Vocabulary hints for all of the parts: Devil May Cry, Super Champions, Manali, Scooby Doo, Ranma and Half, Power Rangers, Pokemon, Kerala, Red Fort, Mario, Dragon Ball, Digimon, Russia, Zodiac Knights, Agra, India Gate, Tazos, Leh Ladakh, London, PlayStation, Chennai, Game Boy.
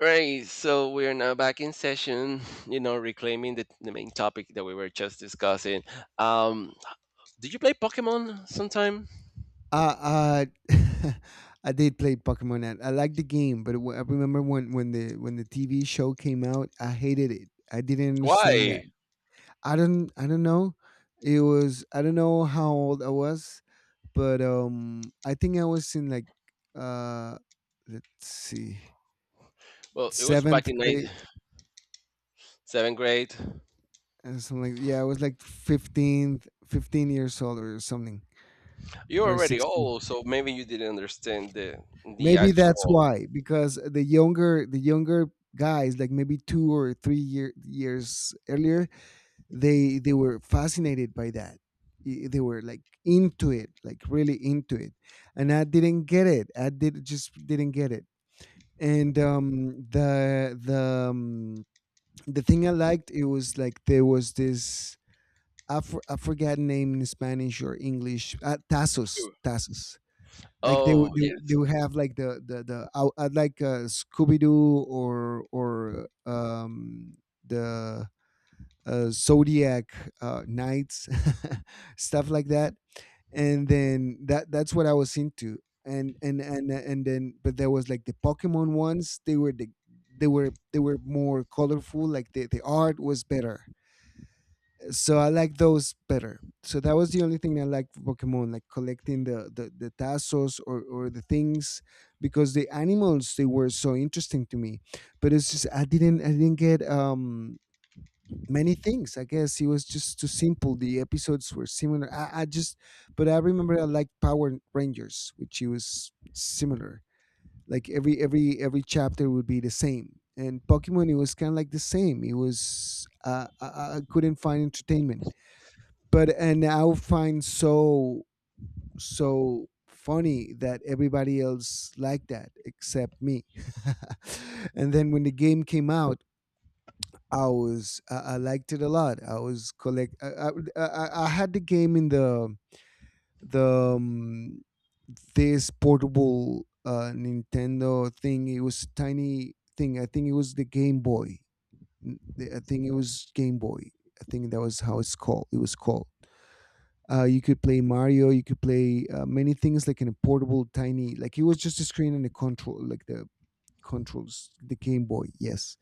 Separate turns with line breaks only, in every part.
Right, so we are now back in session, reclaiming the main topic that we were just discussing. Um, did you play Pokemon sometime?
Uh, uh I did play Pokemon. I liked the game, but I remember when the TV show came out, I hated it. I didn't understand that.
Why?
I don't know. It was I don't know how old I was, but I think I was in like uh let's see.
Well, it was back
7th
in ninth,
grade
seventh grade.
or something like, yeah, I was like 15th, 15 years old or something,
You're
or
already
16.
old, so maybe you didn't understand the
Maybe that's
actual.
why, because the younger guys, like maybe 2 or 3 year, years earlier, they were fascinated by that. They were like into it, like really into it, and I didn't get it. I did just didn't get it. And um, the thing I liked, it was like there was I forgot name in Spanish or English. Tazos, like
Oh, yeah.
they would have like the I, I'd like Scooby Doo, or the Zodiac Knights stuff like that, and then that's what I was into, and then, but there was like the Pokemon ones. They were more colorful. Like the art was better, so I like those better. So that was the only thing I liked for Pokemon, like collecting the tassos, or the things, because the animals, they were so interesting to me. But it's just I didn't get many things. I guess it was just too simple. The episodes were similar. I just But I remember I liked Power Rangers, which it was similar. Like every chapter would be the same. And Pokemon, it was kind of like the same. It was I couldn't find entertainment, but and I find so funny that everybody else liked that except me. And then when the game came out, I liked it a lot. I was collect. I had the game in the this portable Nintendo thing. It was tiny thing. I think it was the Game Boy. I think it was Game Boy. I think that was how it's called. It was called. You could play Mario. You could play many things, like in a portable, tiny. Like it was just a screen and a control, like the controls, the Game Boy. Yes,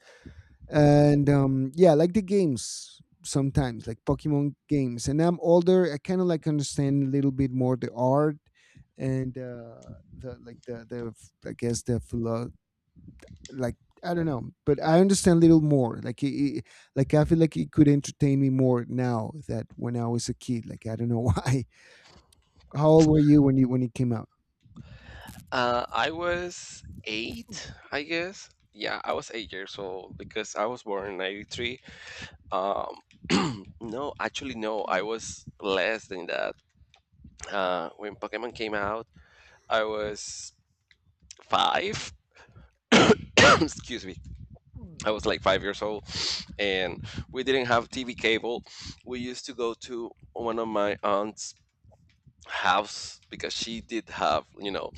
and yeah, like the games sometimes, like Pokemon games. And I'm older. I kind of, like, understand a little bit more the art, and the like the I guess, the philo- like I don't know, but I understand a little more. Like like I feel like it could entertain me more now that when I was a kid. Like, I don't know why. How old were you when it came out?
I was eight, I guess. Yeah, I was 8 years old because I was born in '93. Um, no, actually, no, I was less than that. When Pokemon came out, I was five. Excuse me. I was like
Mhm.
5 years old, and we didn't have TV cable. We used to go to one of my aunt's house because she did have, you know,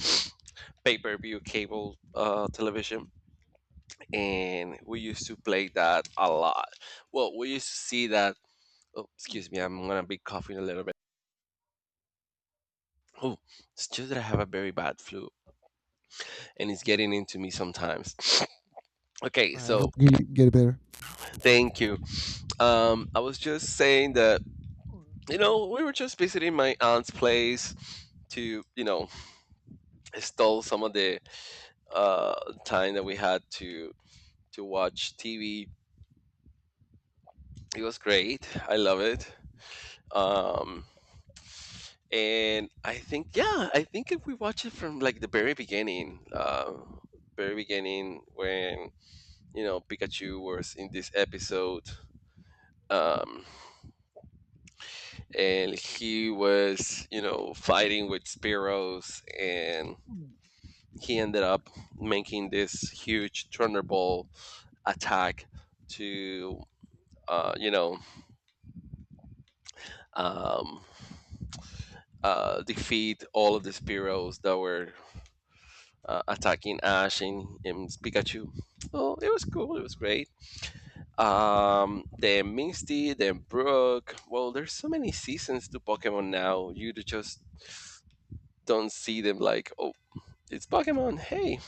pay per view cable television, and we used to play that a lot. Well, we used to see that. Oh, excuse me, I'm gonna be coughing a little bit. Oh, it's just that I have a very bad flu, and it's getting into me sometimes. Okay,
I
so
hope you get it better.
thank you. I was just saying that, you know, we were just visiting my aunt's place to, you know, stall some of the time that we had to watch TV. It was great. I love it. Um, and I think, yeah, I think if we watch it from like the very beginning, very beginning, when, you know, Pikachu was in this episode, um, and he was, you know, fighting with Spearows, and he ended up making this huge Thunderbolt attack to uh, you know um, defeat all of the Spearows that were attacking Ash and Pikachu. Oh, it was cool. It was great. Then Misty, then Brooke. Well, there's so many seasons to Pokemon now. You just don't see them like, oh, it's Pokemon. Hey.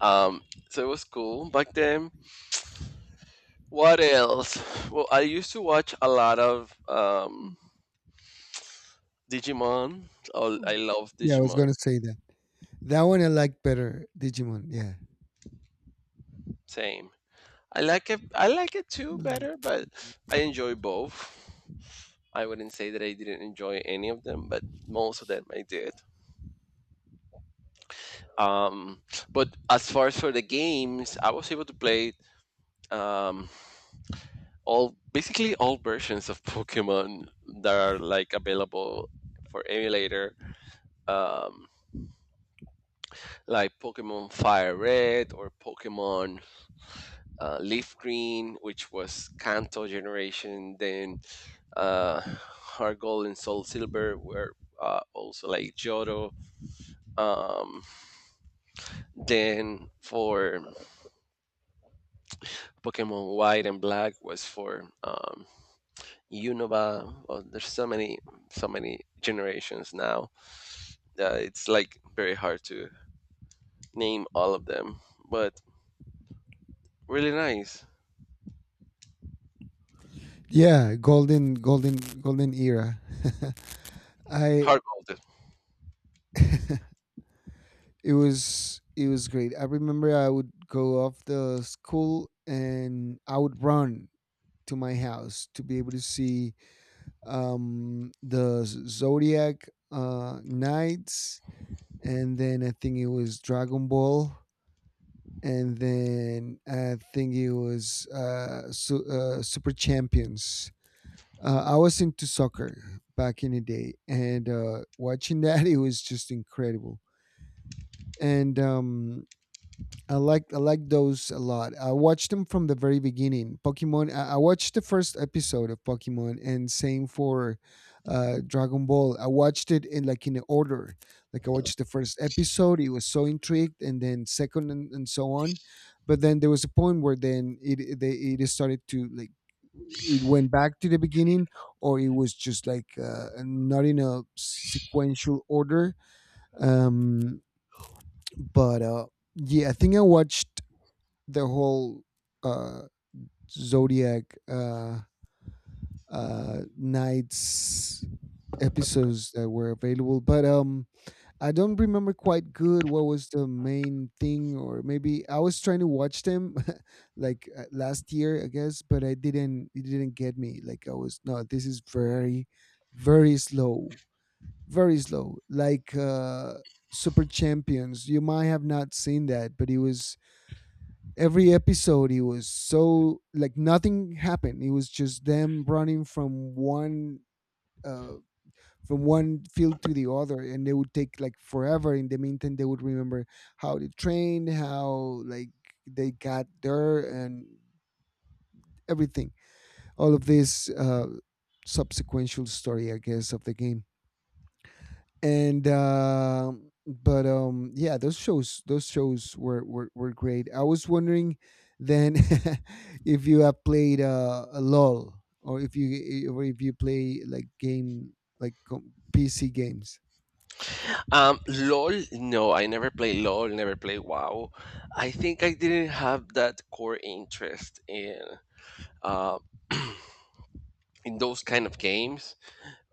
Um, so it was cool back then. What else? Well, I used to watch a lot of Digimon. Oh, I love
Yeah, I was
Digimon.
gonna say that. That one I liked better, Digimon. Yeah.
Same. I like it. I like it too
Mhm.
better, but I enjoy both. I wouldn't say that I didn't enjoy any of them, but most of them I did. Um, but as far as for the games, I was able to play um, all, basically all versions of Pokemon that are like available for emulator, um, like Pokemon Fire Red or Pokemon Leaf Green, which was Kanto generation. Then Heart Gold and Soul Silver were also like Johto. Um, Then for Pokemon White and Black was for Unova. Well, there's so many, so many generations now that it's like very hard to name all of them, but really nice.
Yeah, golden, golden, golden era. I
Hard mode.
It was great. I remember I would go off the school and I would run to my house to be able to see the Zodiac Knights, and then I think it was Dragon Ball. And then I think it was Super Champions. I was into soccer back in the day, and watching that, it was just incredible. And I like those a lot. I watched them from the very beginning. Pokemon. I watched the first episode of Pokemon, and same for Dragon Ball. I watched it in, like, in order. Like, I watched the first episode. It was so intrigued, and then second, and so on. But then there was a point where then it they it started to like it went back to the beginning, or it was just like, not in a sequential order. Um, but, yeah, I think I watched the whole uh, Zodiac Nights episodes that were available. But I don't remember quite good what was the main thing, or maybe I was trying to watch them like, last year, I guess, but I didn't. It didn't get me. Like, I was no, this is very, very slow, very slow. Like, Super Champions, you might have not seen that, but it was every episode it was so, like, nothing happened, it was just them running uh from one field to the other, and they would take like forever. In the meantime, they would remember how they trained, how like they got there and everything, all of this subsequential story, I guess, of the game, and but yeah, those shows were great. I was wondering then, if you have played a lol, or if you play, like, PC games.
LOL, no, I never play LOL, never play WoW. I think I didn't have that core interest uh, in those kind of games.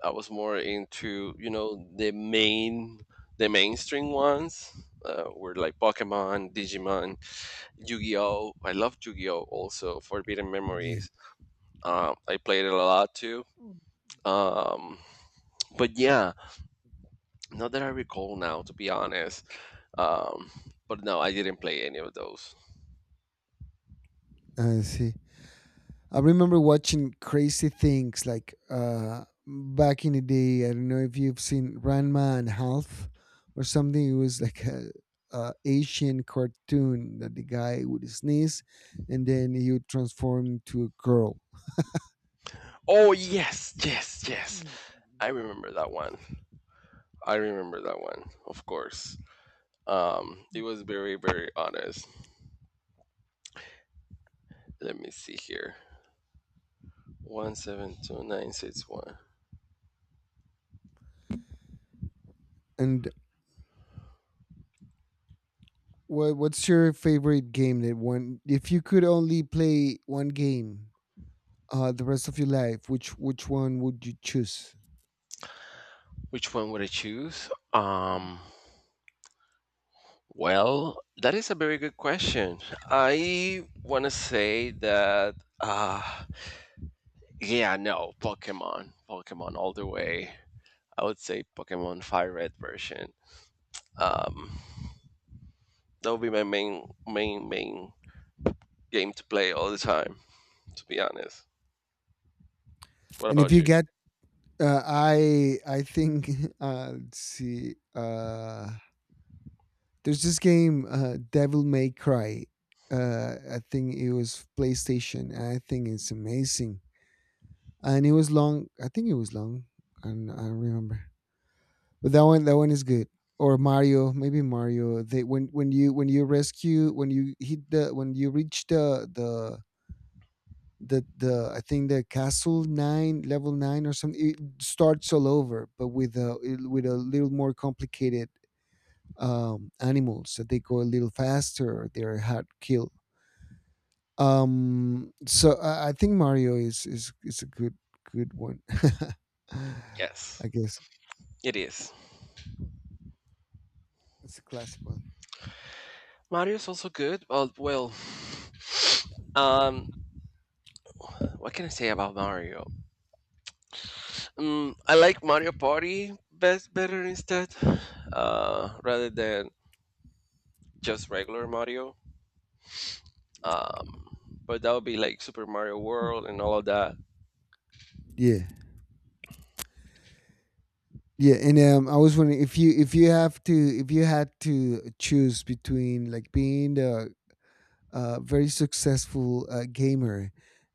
I was more into, you know, the main, the mainstream ones, were like Pokemon, Digimon, Yu-Gi-Oh. I love Yu-Gi-Oh also. Forbidden
Yeah.
Memories. I played it a lot too. Um, but yeah, not that I recall now, to be honest. Um, but no, I didn't play any of those.
I see. I remember watching crazy things, like, back in the day. I don't know if you've seen Ranma and Half or something. It was like a Asian cartoon that the guy would sneeze and then he would transform into a girl.
Oh yes, yes, yes. I remember that one. I remember that one, of course. It was very, very honest. Let me see here. 172961.
And what's your favorite game, that one, if you could only play one game the rest of your life, which one would you choose?
Which one would I choose? Well, that is a very good question. I want to say that, uh, yeah, no, Pokemon, Pokemon all the way. I would say Pokemon Fire Red version. Um, that would be my main, main, main game to play all the time. To be honest. What
And if
about
you
you?
got I think let's see. There's this game, Devil May Cry. I think it was PlayStation. And I think it's amazing, and it was long. I think it was long. I don't remember, but that one is good. Or Mario, maybe Mario. They when you reach the I think the castle nine level nine or something, it starts all over, but with a, little more complicated animals that they go a little faster, they're hard to kill. So, I think Mario is a good one.
Yes,
I guess
it is.
it's a classic one.
Mario's also good, but well, um, what can I say about Mario? Mm, I like Mario Party best better instead, rather than just regular Mario. Um, but that would be like Super Mario World and all of that.
Yeah, yeah. And I was wondering if you have to if you had to choose between, like, being the very successful gamer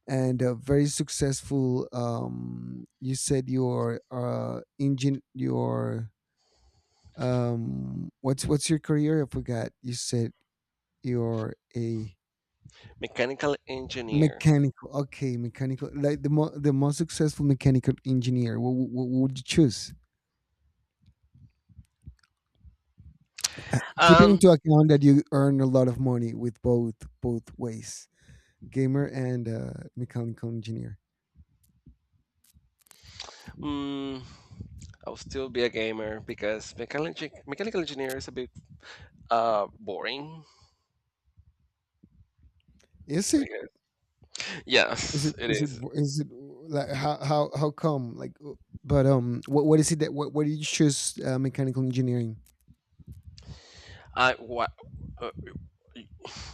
and a very successful you said your engine your what's your career? I forgot, you said you're a
Mechanical engineer.
mechanical. Okay, mechanical, like the most successful mechanical engineer. What would you choose? Keeping
Um,
into account that you earn a lot of money with both ways, gamer and, mechanical engineer,
mm, I'll still be a gamer because mechanical engineer is a bit boring.
is
I
it?
guess. Yes, it is.
Is it, like, how come? Like, but what is it that what why did you choose mechanical engineering?
I what? Uh,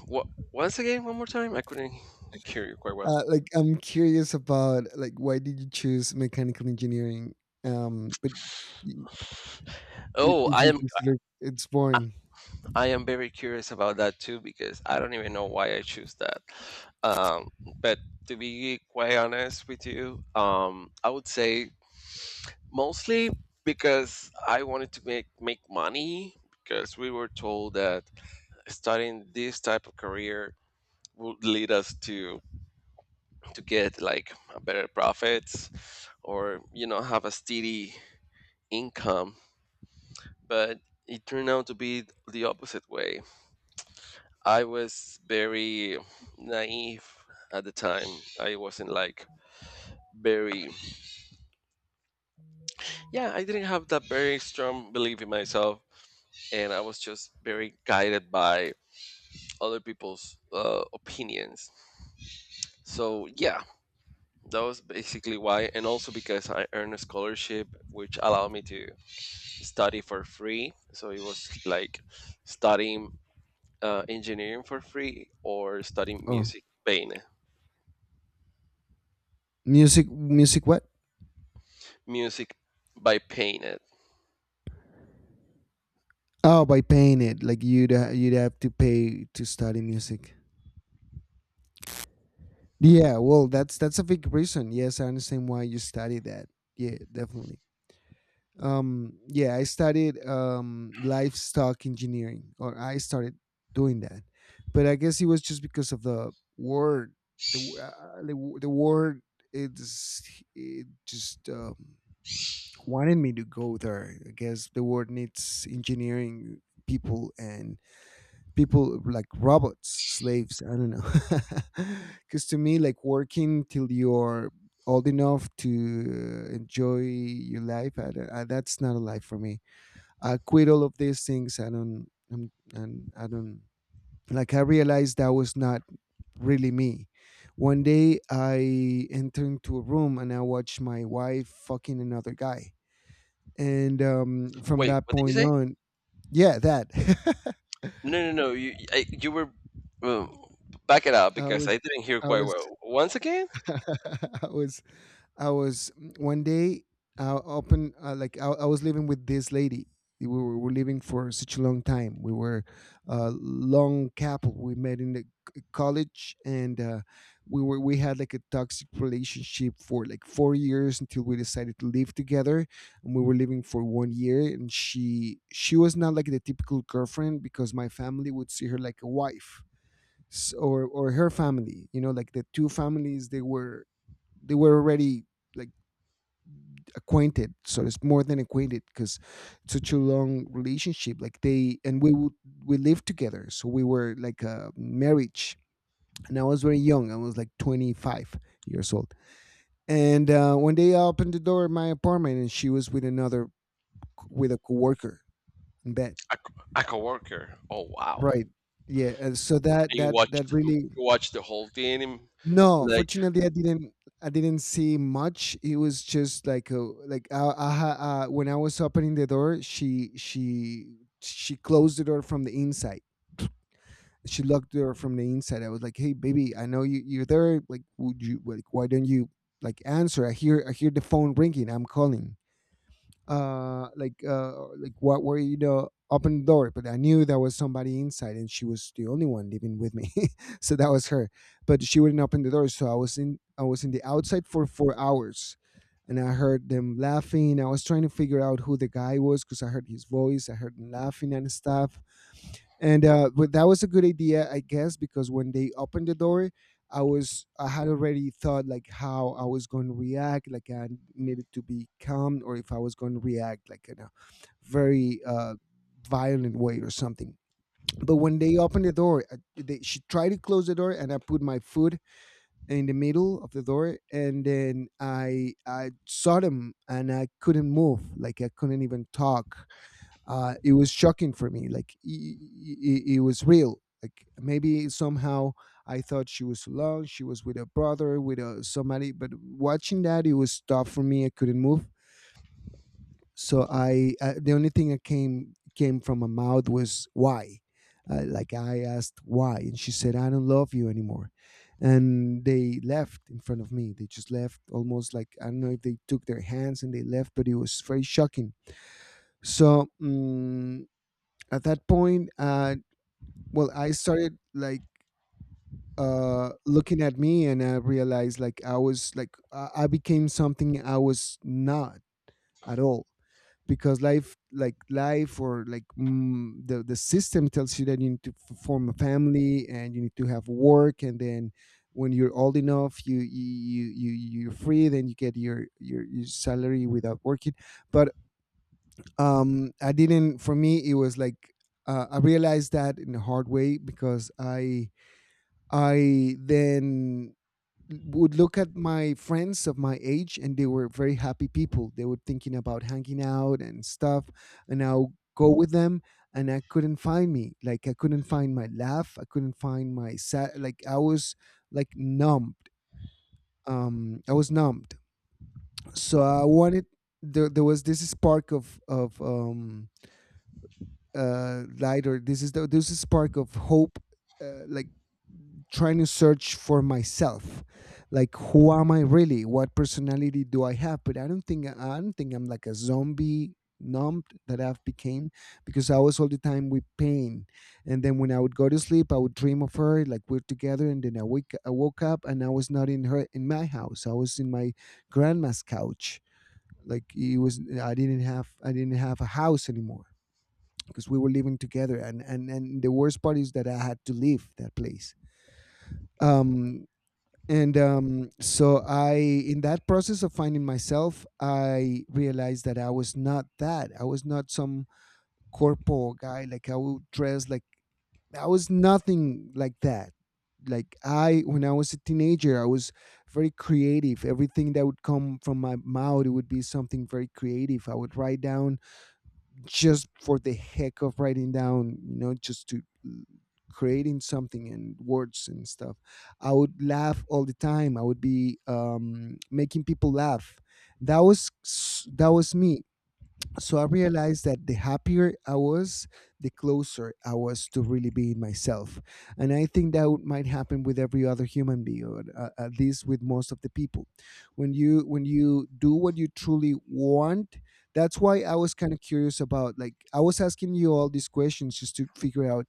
what? Once again, one more time. I couldn't hear you quite well.
Like, I'm curious about, like, why did you choose mechanical engineering? But y-
Oh,
if
I
you
am.
consider it's boring.
I am very curious about that too because I don't even know why I choose that. Um, but to be quite honest with you, I would say mostly because I wanted to make money because we were told that starting this type of career would lead us to get like a better profits or, you know, have a steady income. But it turned out to be the opposite way. I was very naive at the time. I wasn't like very, yeah, I didn't have that very strong belief in myself. And I was just very guided by other people's opinions. So, yeah, that was basically why. And also because I earned a scholarship, which allowed me to study for free. So it was like studying engineering for free or studying
Oh,
music, pain,
music what?
music by pain.
Oh, by paying it, like, you'd have to pay to study music. Yeah, well, that's a big reason. Yes, I understand why you study that. Yeah, definitely. Yeah, I studied livestock engineering, or I started doing that, but I guess it was just because of the word, the word. It just wanted me to go there, I guess. The word needs engineering people, and people like robots, slaves. I don't know. Because, to me, like working till you're old enough to enjoy your life, I, don't- I, that's not a life for me. I quit all of these things. I don't. And I don't like. I realized that was not really me. One day, I entered into a room and I watched my wife fucking another guy. And from
Wait,
that
what did you
point
say?
on, yeah, that.
No, no, no. You were um, back it up
I
because I
was
didn't hear
I
quite
was
well. Once again,
I was One day I opened like I was living with this lady. We were living for such a long time. We were a long couple. We met in the college, and we had, like, a toxic relationship for like 4 years until we decided to live together. And we were living for one year, and she was not like the typical girlfriend, because my family would see her like a wife, or her family, like the two families, they were already, like, acquainted. So it's more than acquainted, because such a long relationship. Like, they, and we lived together, so we were like a marriage. And I was very young, I was like 25 years old. And one day I opened the door of my apartment, and she was with another, with a coworker, in bed.
a, co- a coworker. Oh wow!
Right. Yeah, and so that
And you
that that
watched, you
really.
watched the whole thing. And,
No,
like,
fortunately, I didn't. I didn't see much. It was just when I was opening the door, she closed the door from the inside. She locked the door from the inside. I was like, "Hey, baby, I know you're there. Like, would you like? Why don't you like answer? I hear the phone ringing. I'm calling." What were, open the door. But I knew there was somebody inside, and she was the only one living with me. So that was her, but she wouldn't open the door. So I was in the outside for 4 hours. And I heard them laughing. I was trying to figure out who the guy was, because I heard his voice, I heard him laughing and stuff. And but that was a good idea, I guess, because when they opened the door, I had already thought like how I was going to react, like I needed to be calm, or if I was going to react like in a very violent way or something. But when they opened the door, she tried to close the door, and I put my foot in the middle of the door, and then I saw them, and I couldn't move, like I couldn't even talk. It was shocking for me. Like, it was real. Like, maybe somehow I thought she was alone. She was with her brother, with somebody. But watching that, it was tough for me. I couldn't move. So I the only thing that came from my mouth was why. Like, I asked why, and she said, "I don't love you anymore," and they left in front of me. They just left, almost like, I don't know if they took their hands and they left, but it was very shocking. So at that point, well, I started, like, looking at me, and I realized, like, I became something I was not at all. Because life like life, or like, the system tells you that you need to form a family, and you need to have work, and then when you're old enough, you're free. Then you get your salary without working. But, I didn't. For me it was like, I realized that in a hard way. Because I then would look at my friends of my age, and they were very happy people, they were thinking about hanging out and stuff, and I'll go with them, and I couldn't find me, like I couldn't find my laugh, I couldn't find my sad. Like, I was, like, numbed. I was numbed. So I wanted, there was this spark of light, or this is spark of hope. Like, trying to search for myself. Like, who am I really? What personality do I have? But I don't think I'm like a zombie numb that I've became, because I was all the time with pain. And then when I would go to sleep, I would dream of her, like we're together, and then I woke up, and I was not in my house. I was in my grandma's couch. Like, it was, I didn't have a house anymore, because we were living together, and the worst part is that I had to leave that place. um and so I, in that process of finding myself, I realized that I was not some corpo guy. Like, I would dress like, I was nothing like that. Like, I when I was a teenager, I was very creative. Everything that would come from my mouth, it would be something very creative. I would write down just for the heck of writing down, you know, just to creating something, and words and stuff. I would laugh all the time. I would be, making people laugh. That was me. So I realized that the happier I was, the closer I was to really being myself. And I think that might happen with every other human being, or at least with most of the people. When you do what you truly want, that's why I was kind of curious about. Like, I was asking you all these questions just to figure out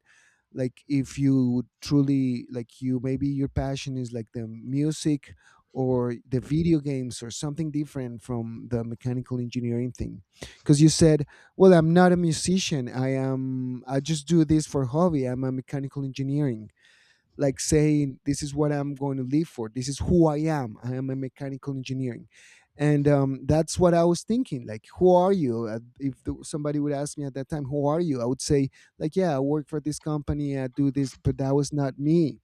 like if you truly like, you, maybe your passion is like the music, or the video games, or something different from the mechanical engineering thing. Because you said, well, I'm not a musician, I am, I just do this for hobby, I'm a mechanical engineering. Like, saying, this is what I'm going to live for, this is who I am, I am a mechanical engineering. And, that's what I was thinking, like, who are you? If the, Somebody would ask me at that time, "Who are you?" I would say, like, yeah, I work for this company, I do this, but that was not me.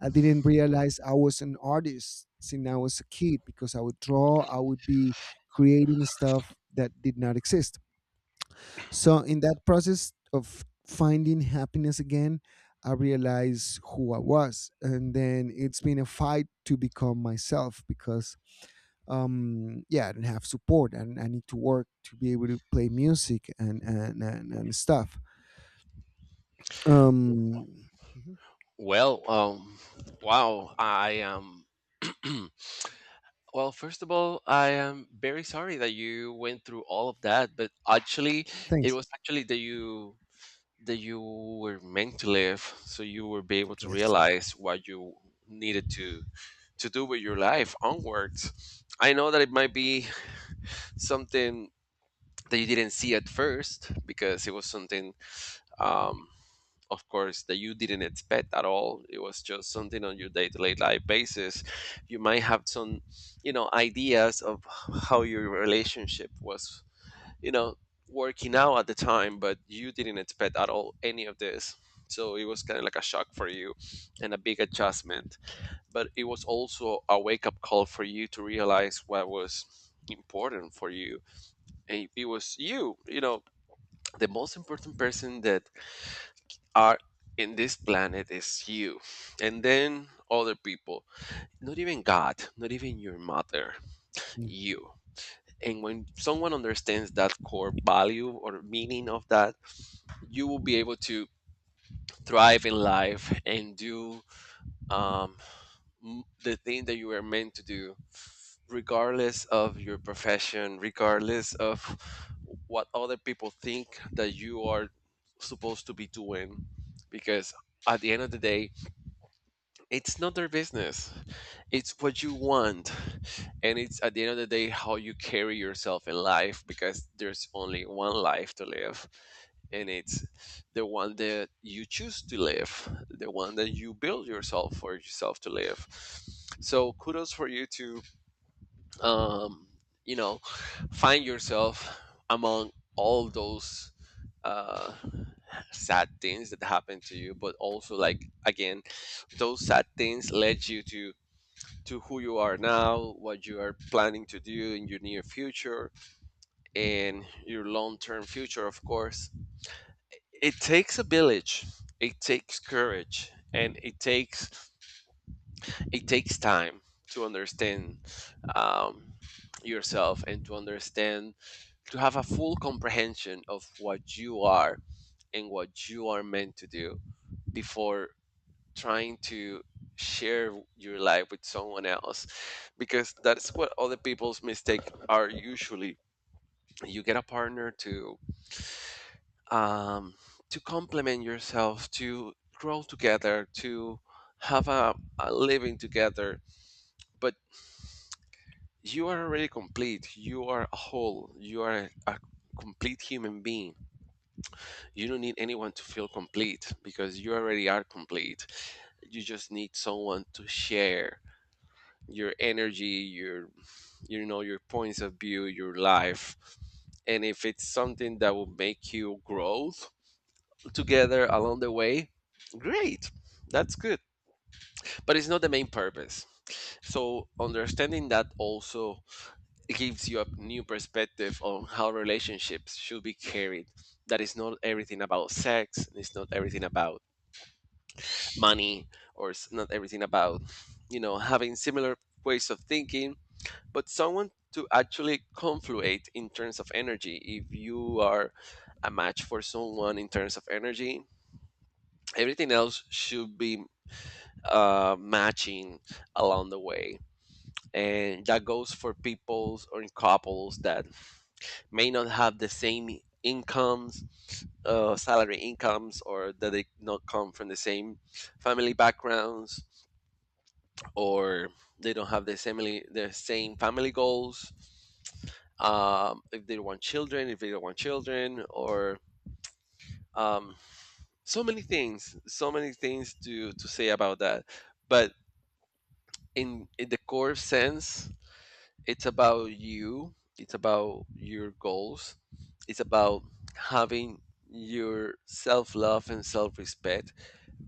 I didn't realize I was an artist since I was a kid, because I would draw, I would be creating stuff that did not exist. So in that process of finding happiness again, I realized who I was, and then it's been a fight to become myself because, yeah, I didn't have support, and I need to work to be able to play music and stuff. Um, mhm.
well, wow. I am. Well, first of all, I am very sorry that you went through all of that. But actually, it
Thanks.
was actually that you, that you were meant to live so you will be able to
Yes.
realize what you needed to do with your life onwards. I know that it might be something that you didn't see at first because it was something, um of course, that you didn't expect at all. It was just something on your day-to-day life basis. You might have some, you know, ideas of how your relationship was, you know, working out at the time, but you didn't expect at all any of this. So it was kind of like a shock for you and a big adjustment. But it was also a wake up call for you to realize what was important for you. And it was you, you know, the most important person that are in this planet is you, and then other people. Not even god, not even your mother. You. And when someone understands that core value or meaning of that, you will be able to thrive in life and do um, the thing that you were meant to do, regardless of your profession, regardless of what other people think that you are supposed to be doing. Because at the end of the day, it's not their business, it's what you want. And it's at the end of the day how you carry yourself in life, because there's only one life to live, and it's the one that you choose to live, the one that you build yourself for yourself to live. So kudos for you to, um, you know, find yourself among all those uh, sad things that happen to you, but also, like, again, those sad things led you to who you are now, what you are planning to do in your near future, and your long term future, of course. It takes a village, it takes courage, and it takes time to understand, um, yourself, and to understand, to have a full comprehension of what you are and what you are meant to do before trying to share your life with someone else, because that's what other people's mistakes are usually. You get a partner um to complement yourself, to grow together, to have a living together. But you are already complete. You are a whole, you are a complete human being. You don't need anyone to feel complete because you already are complete. You just need someone to share your energy, your, you know, your points of view, your life. And if it's something that will make you grow together along the way, great, that's good. But it's not the main purpose. So understanding that also gives you a new perspective on how relationships should be carried. That is not everything about sex, it's not everything about money, or it's not everything about, you know, having similar ways of thinking, but someone to actually confluate in terms of energy. If you are a match for someone in terms of energy, everything else should be matching along the way. And that goes for peoples or in couples that may not have the same incomes, salary incomes, or that they not come from the same family backgrounds, or they don't have the same family goals. If they want children, if they don't want children, or um, so many things to say about that. But in the core sense, it's about you. It's about your goals. It's about having your self love and self respect.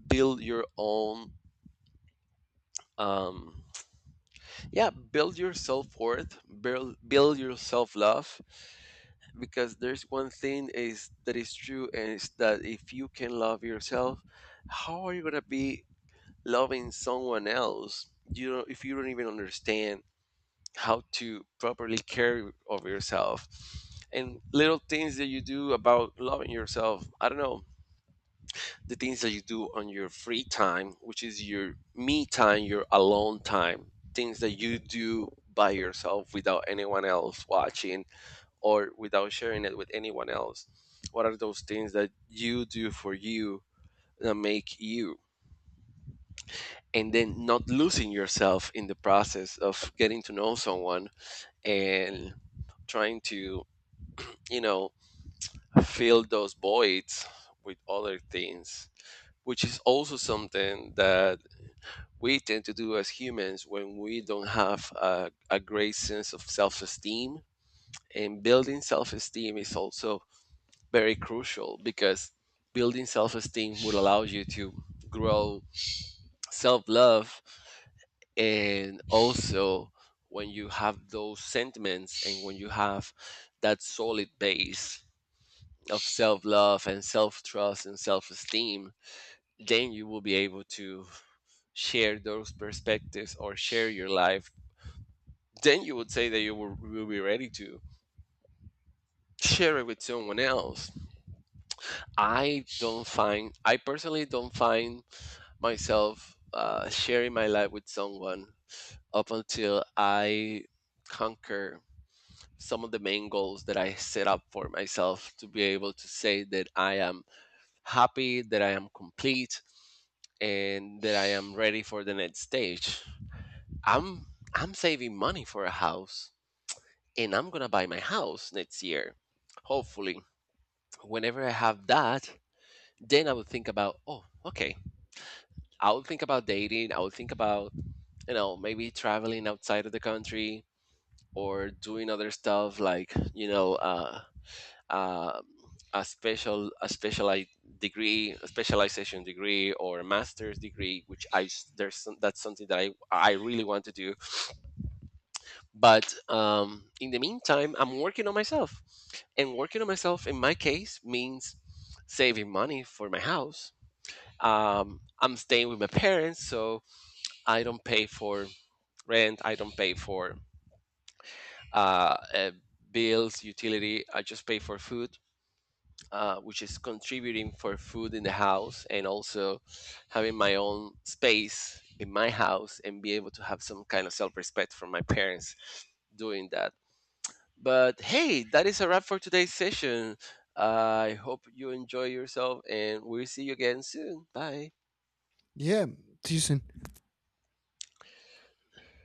Build your own. Um, yeah, build your self-worth, build your self-love, because there's one thing is that is true, and it's that if you can love yourself, how are you going to be loving someone else? You know, if you don't even understand how to properly care of yourself. And little things that you do about loving yourself, I don't know, the things that you do on your free time, which is your me time, your alone time, things that you do by yourself without anyone else watching or without sharing it with anyone else. What are those things that you do for you that make you? And then not losing yourself in the process of getting to know someone and trying to, you know, fill those voids with other things, which is also something that we tend to do as humans when we don't have a great sense of self esteem. And building self esteem is also very crucial because building self esteem will allow you to grow self love. And also, when you have those sentiments and when you have that solid base of self love and self trust and self esteem, then you will be able to share those perspectives or share your life. Then you would say that you will be ready to share it with someone else. I don't find, I personally don't find myself sharing my life with someone up until I conquer some of the main goals that I set up for myself to be able to say that I am happy, that I am complete, and that I am ready for the next stage. I'm I'm saving money for a house, and I'm gonna buy my house next year, hopefully. Whenever I have that, then I would think about, oh, okay, I would think about dating. I would think about, you know, maybe traveling outside of the country or doing other stuff like, you know, uh, a specialized degree, a specialization degree or a master's degree, which there's some, that's something that I really want to do. But in the meantime, I'm working on myself, and working on myself in my case means saving money for my house. I'm staying with my parents, so I don't pay for rent. I don't pay for uh, uh, bills, utility. I just pay for food, which is contributing for food in the house, and also having my own space in my house and be able to have some kind of self-respect from my parents doing that. But hey, that is a wrap for today's session. I hope you enjoy yourself and we'll see you again soon. Bye.
Yeah, see you soon.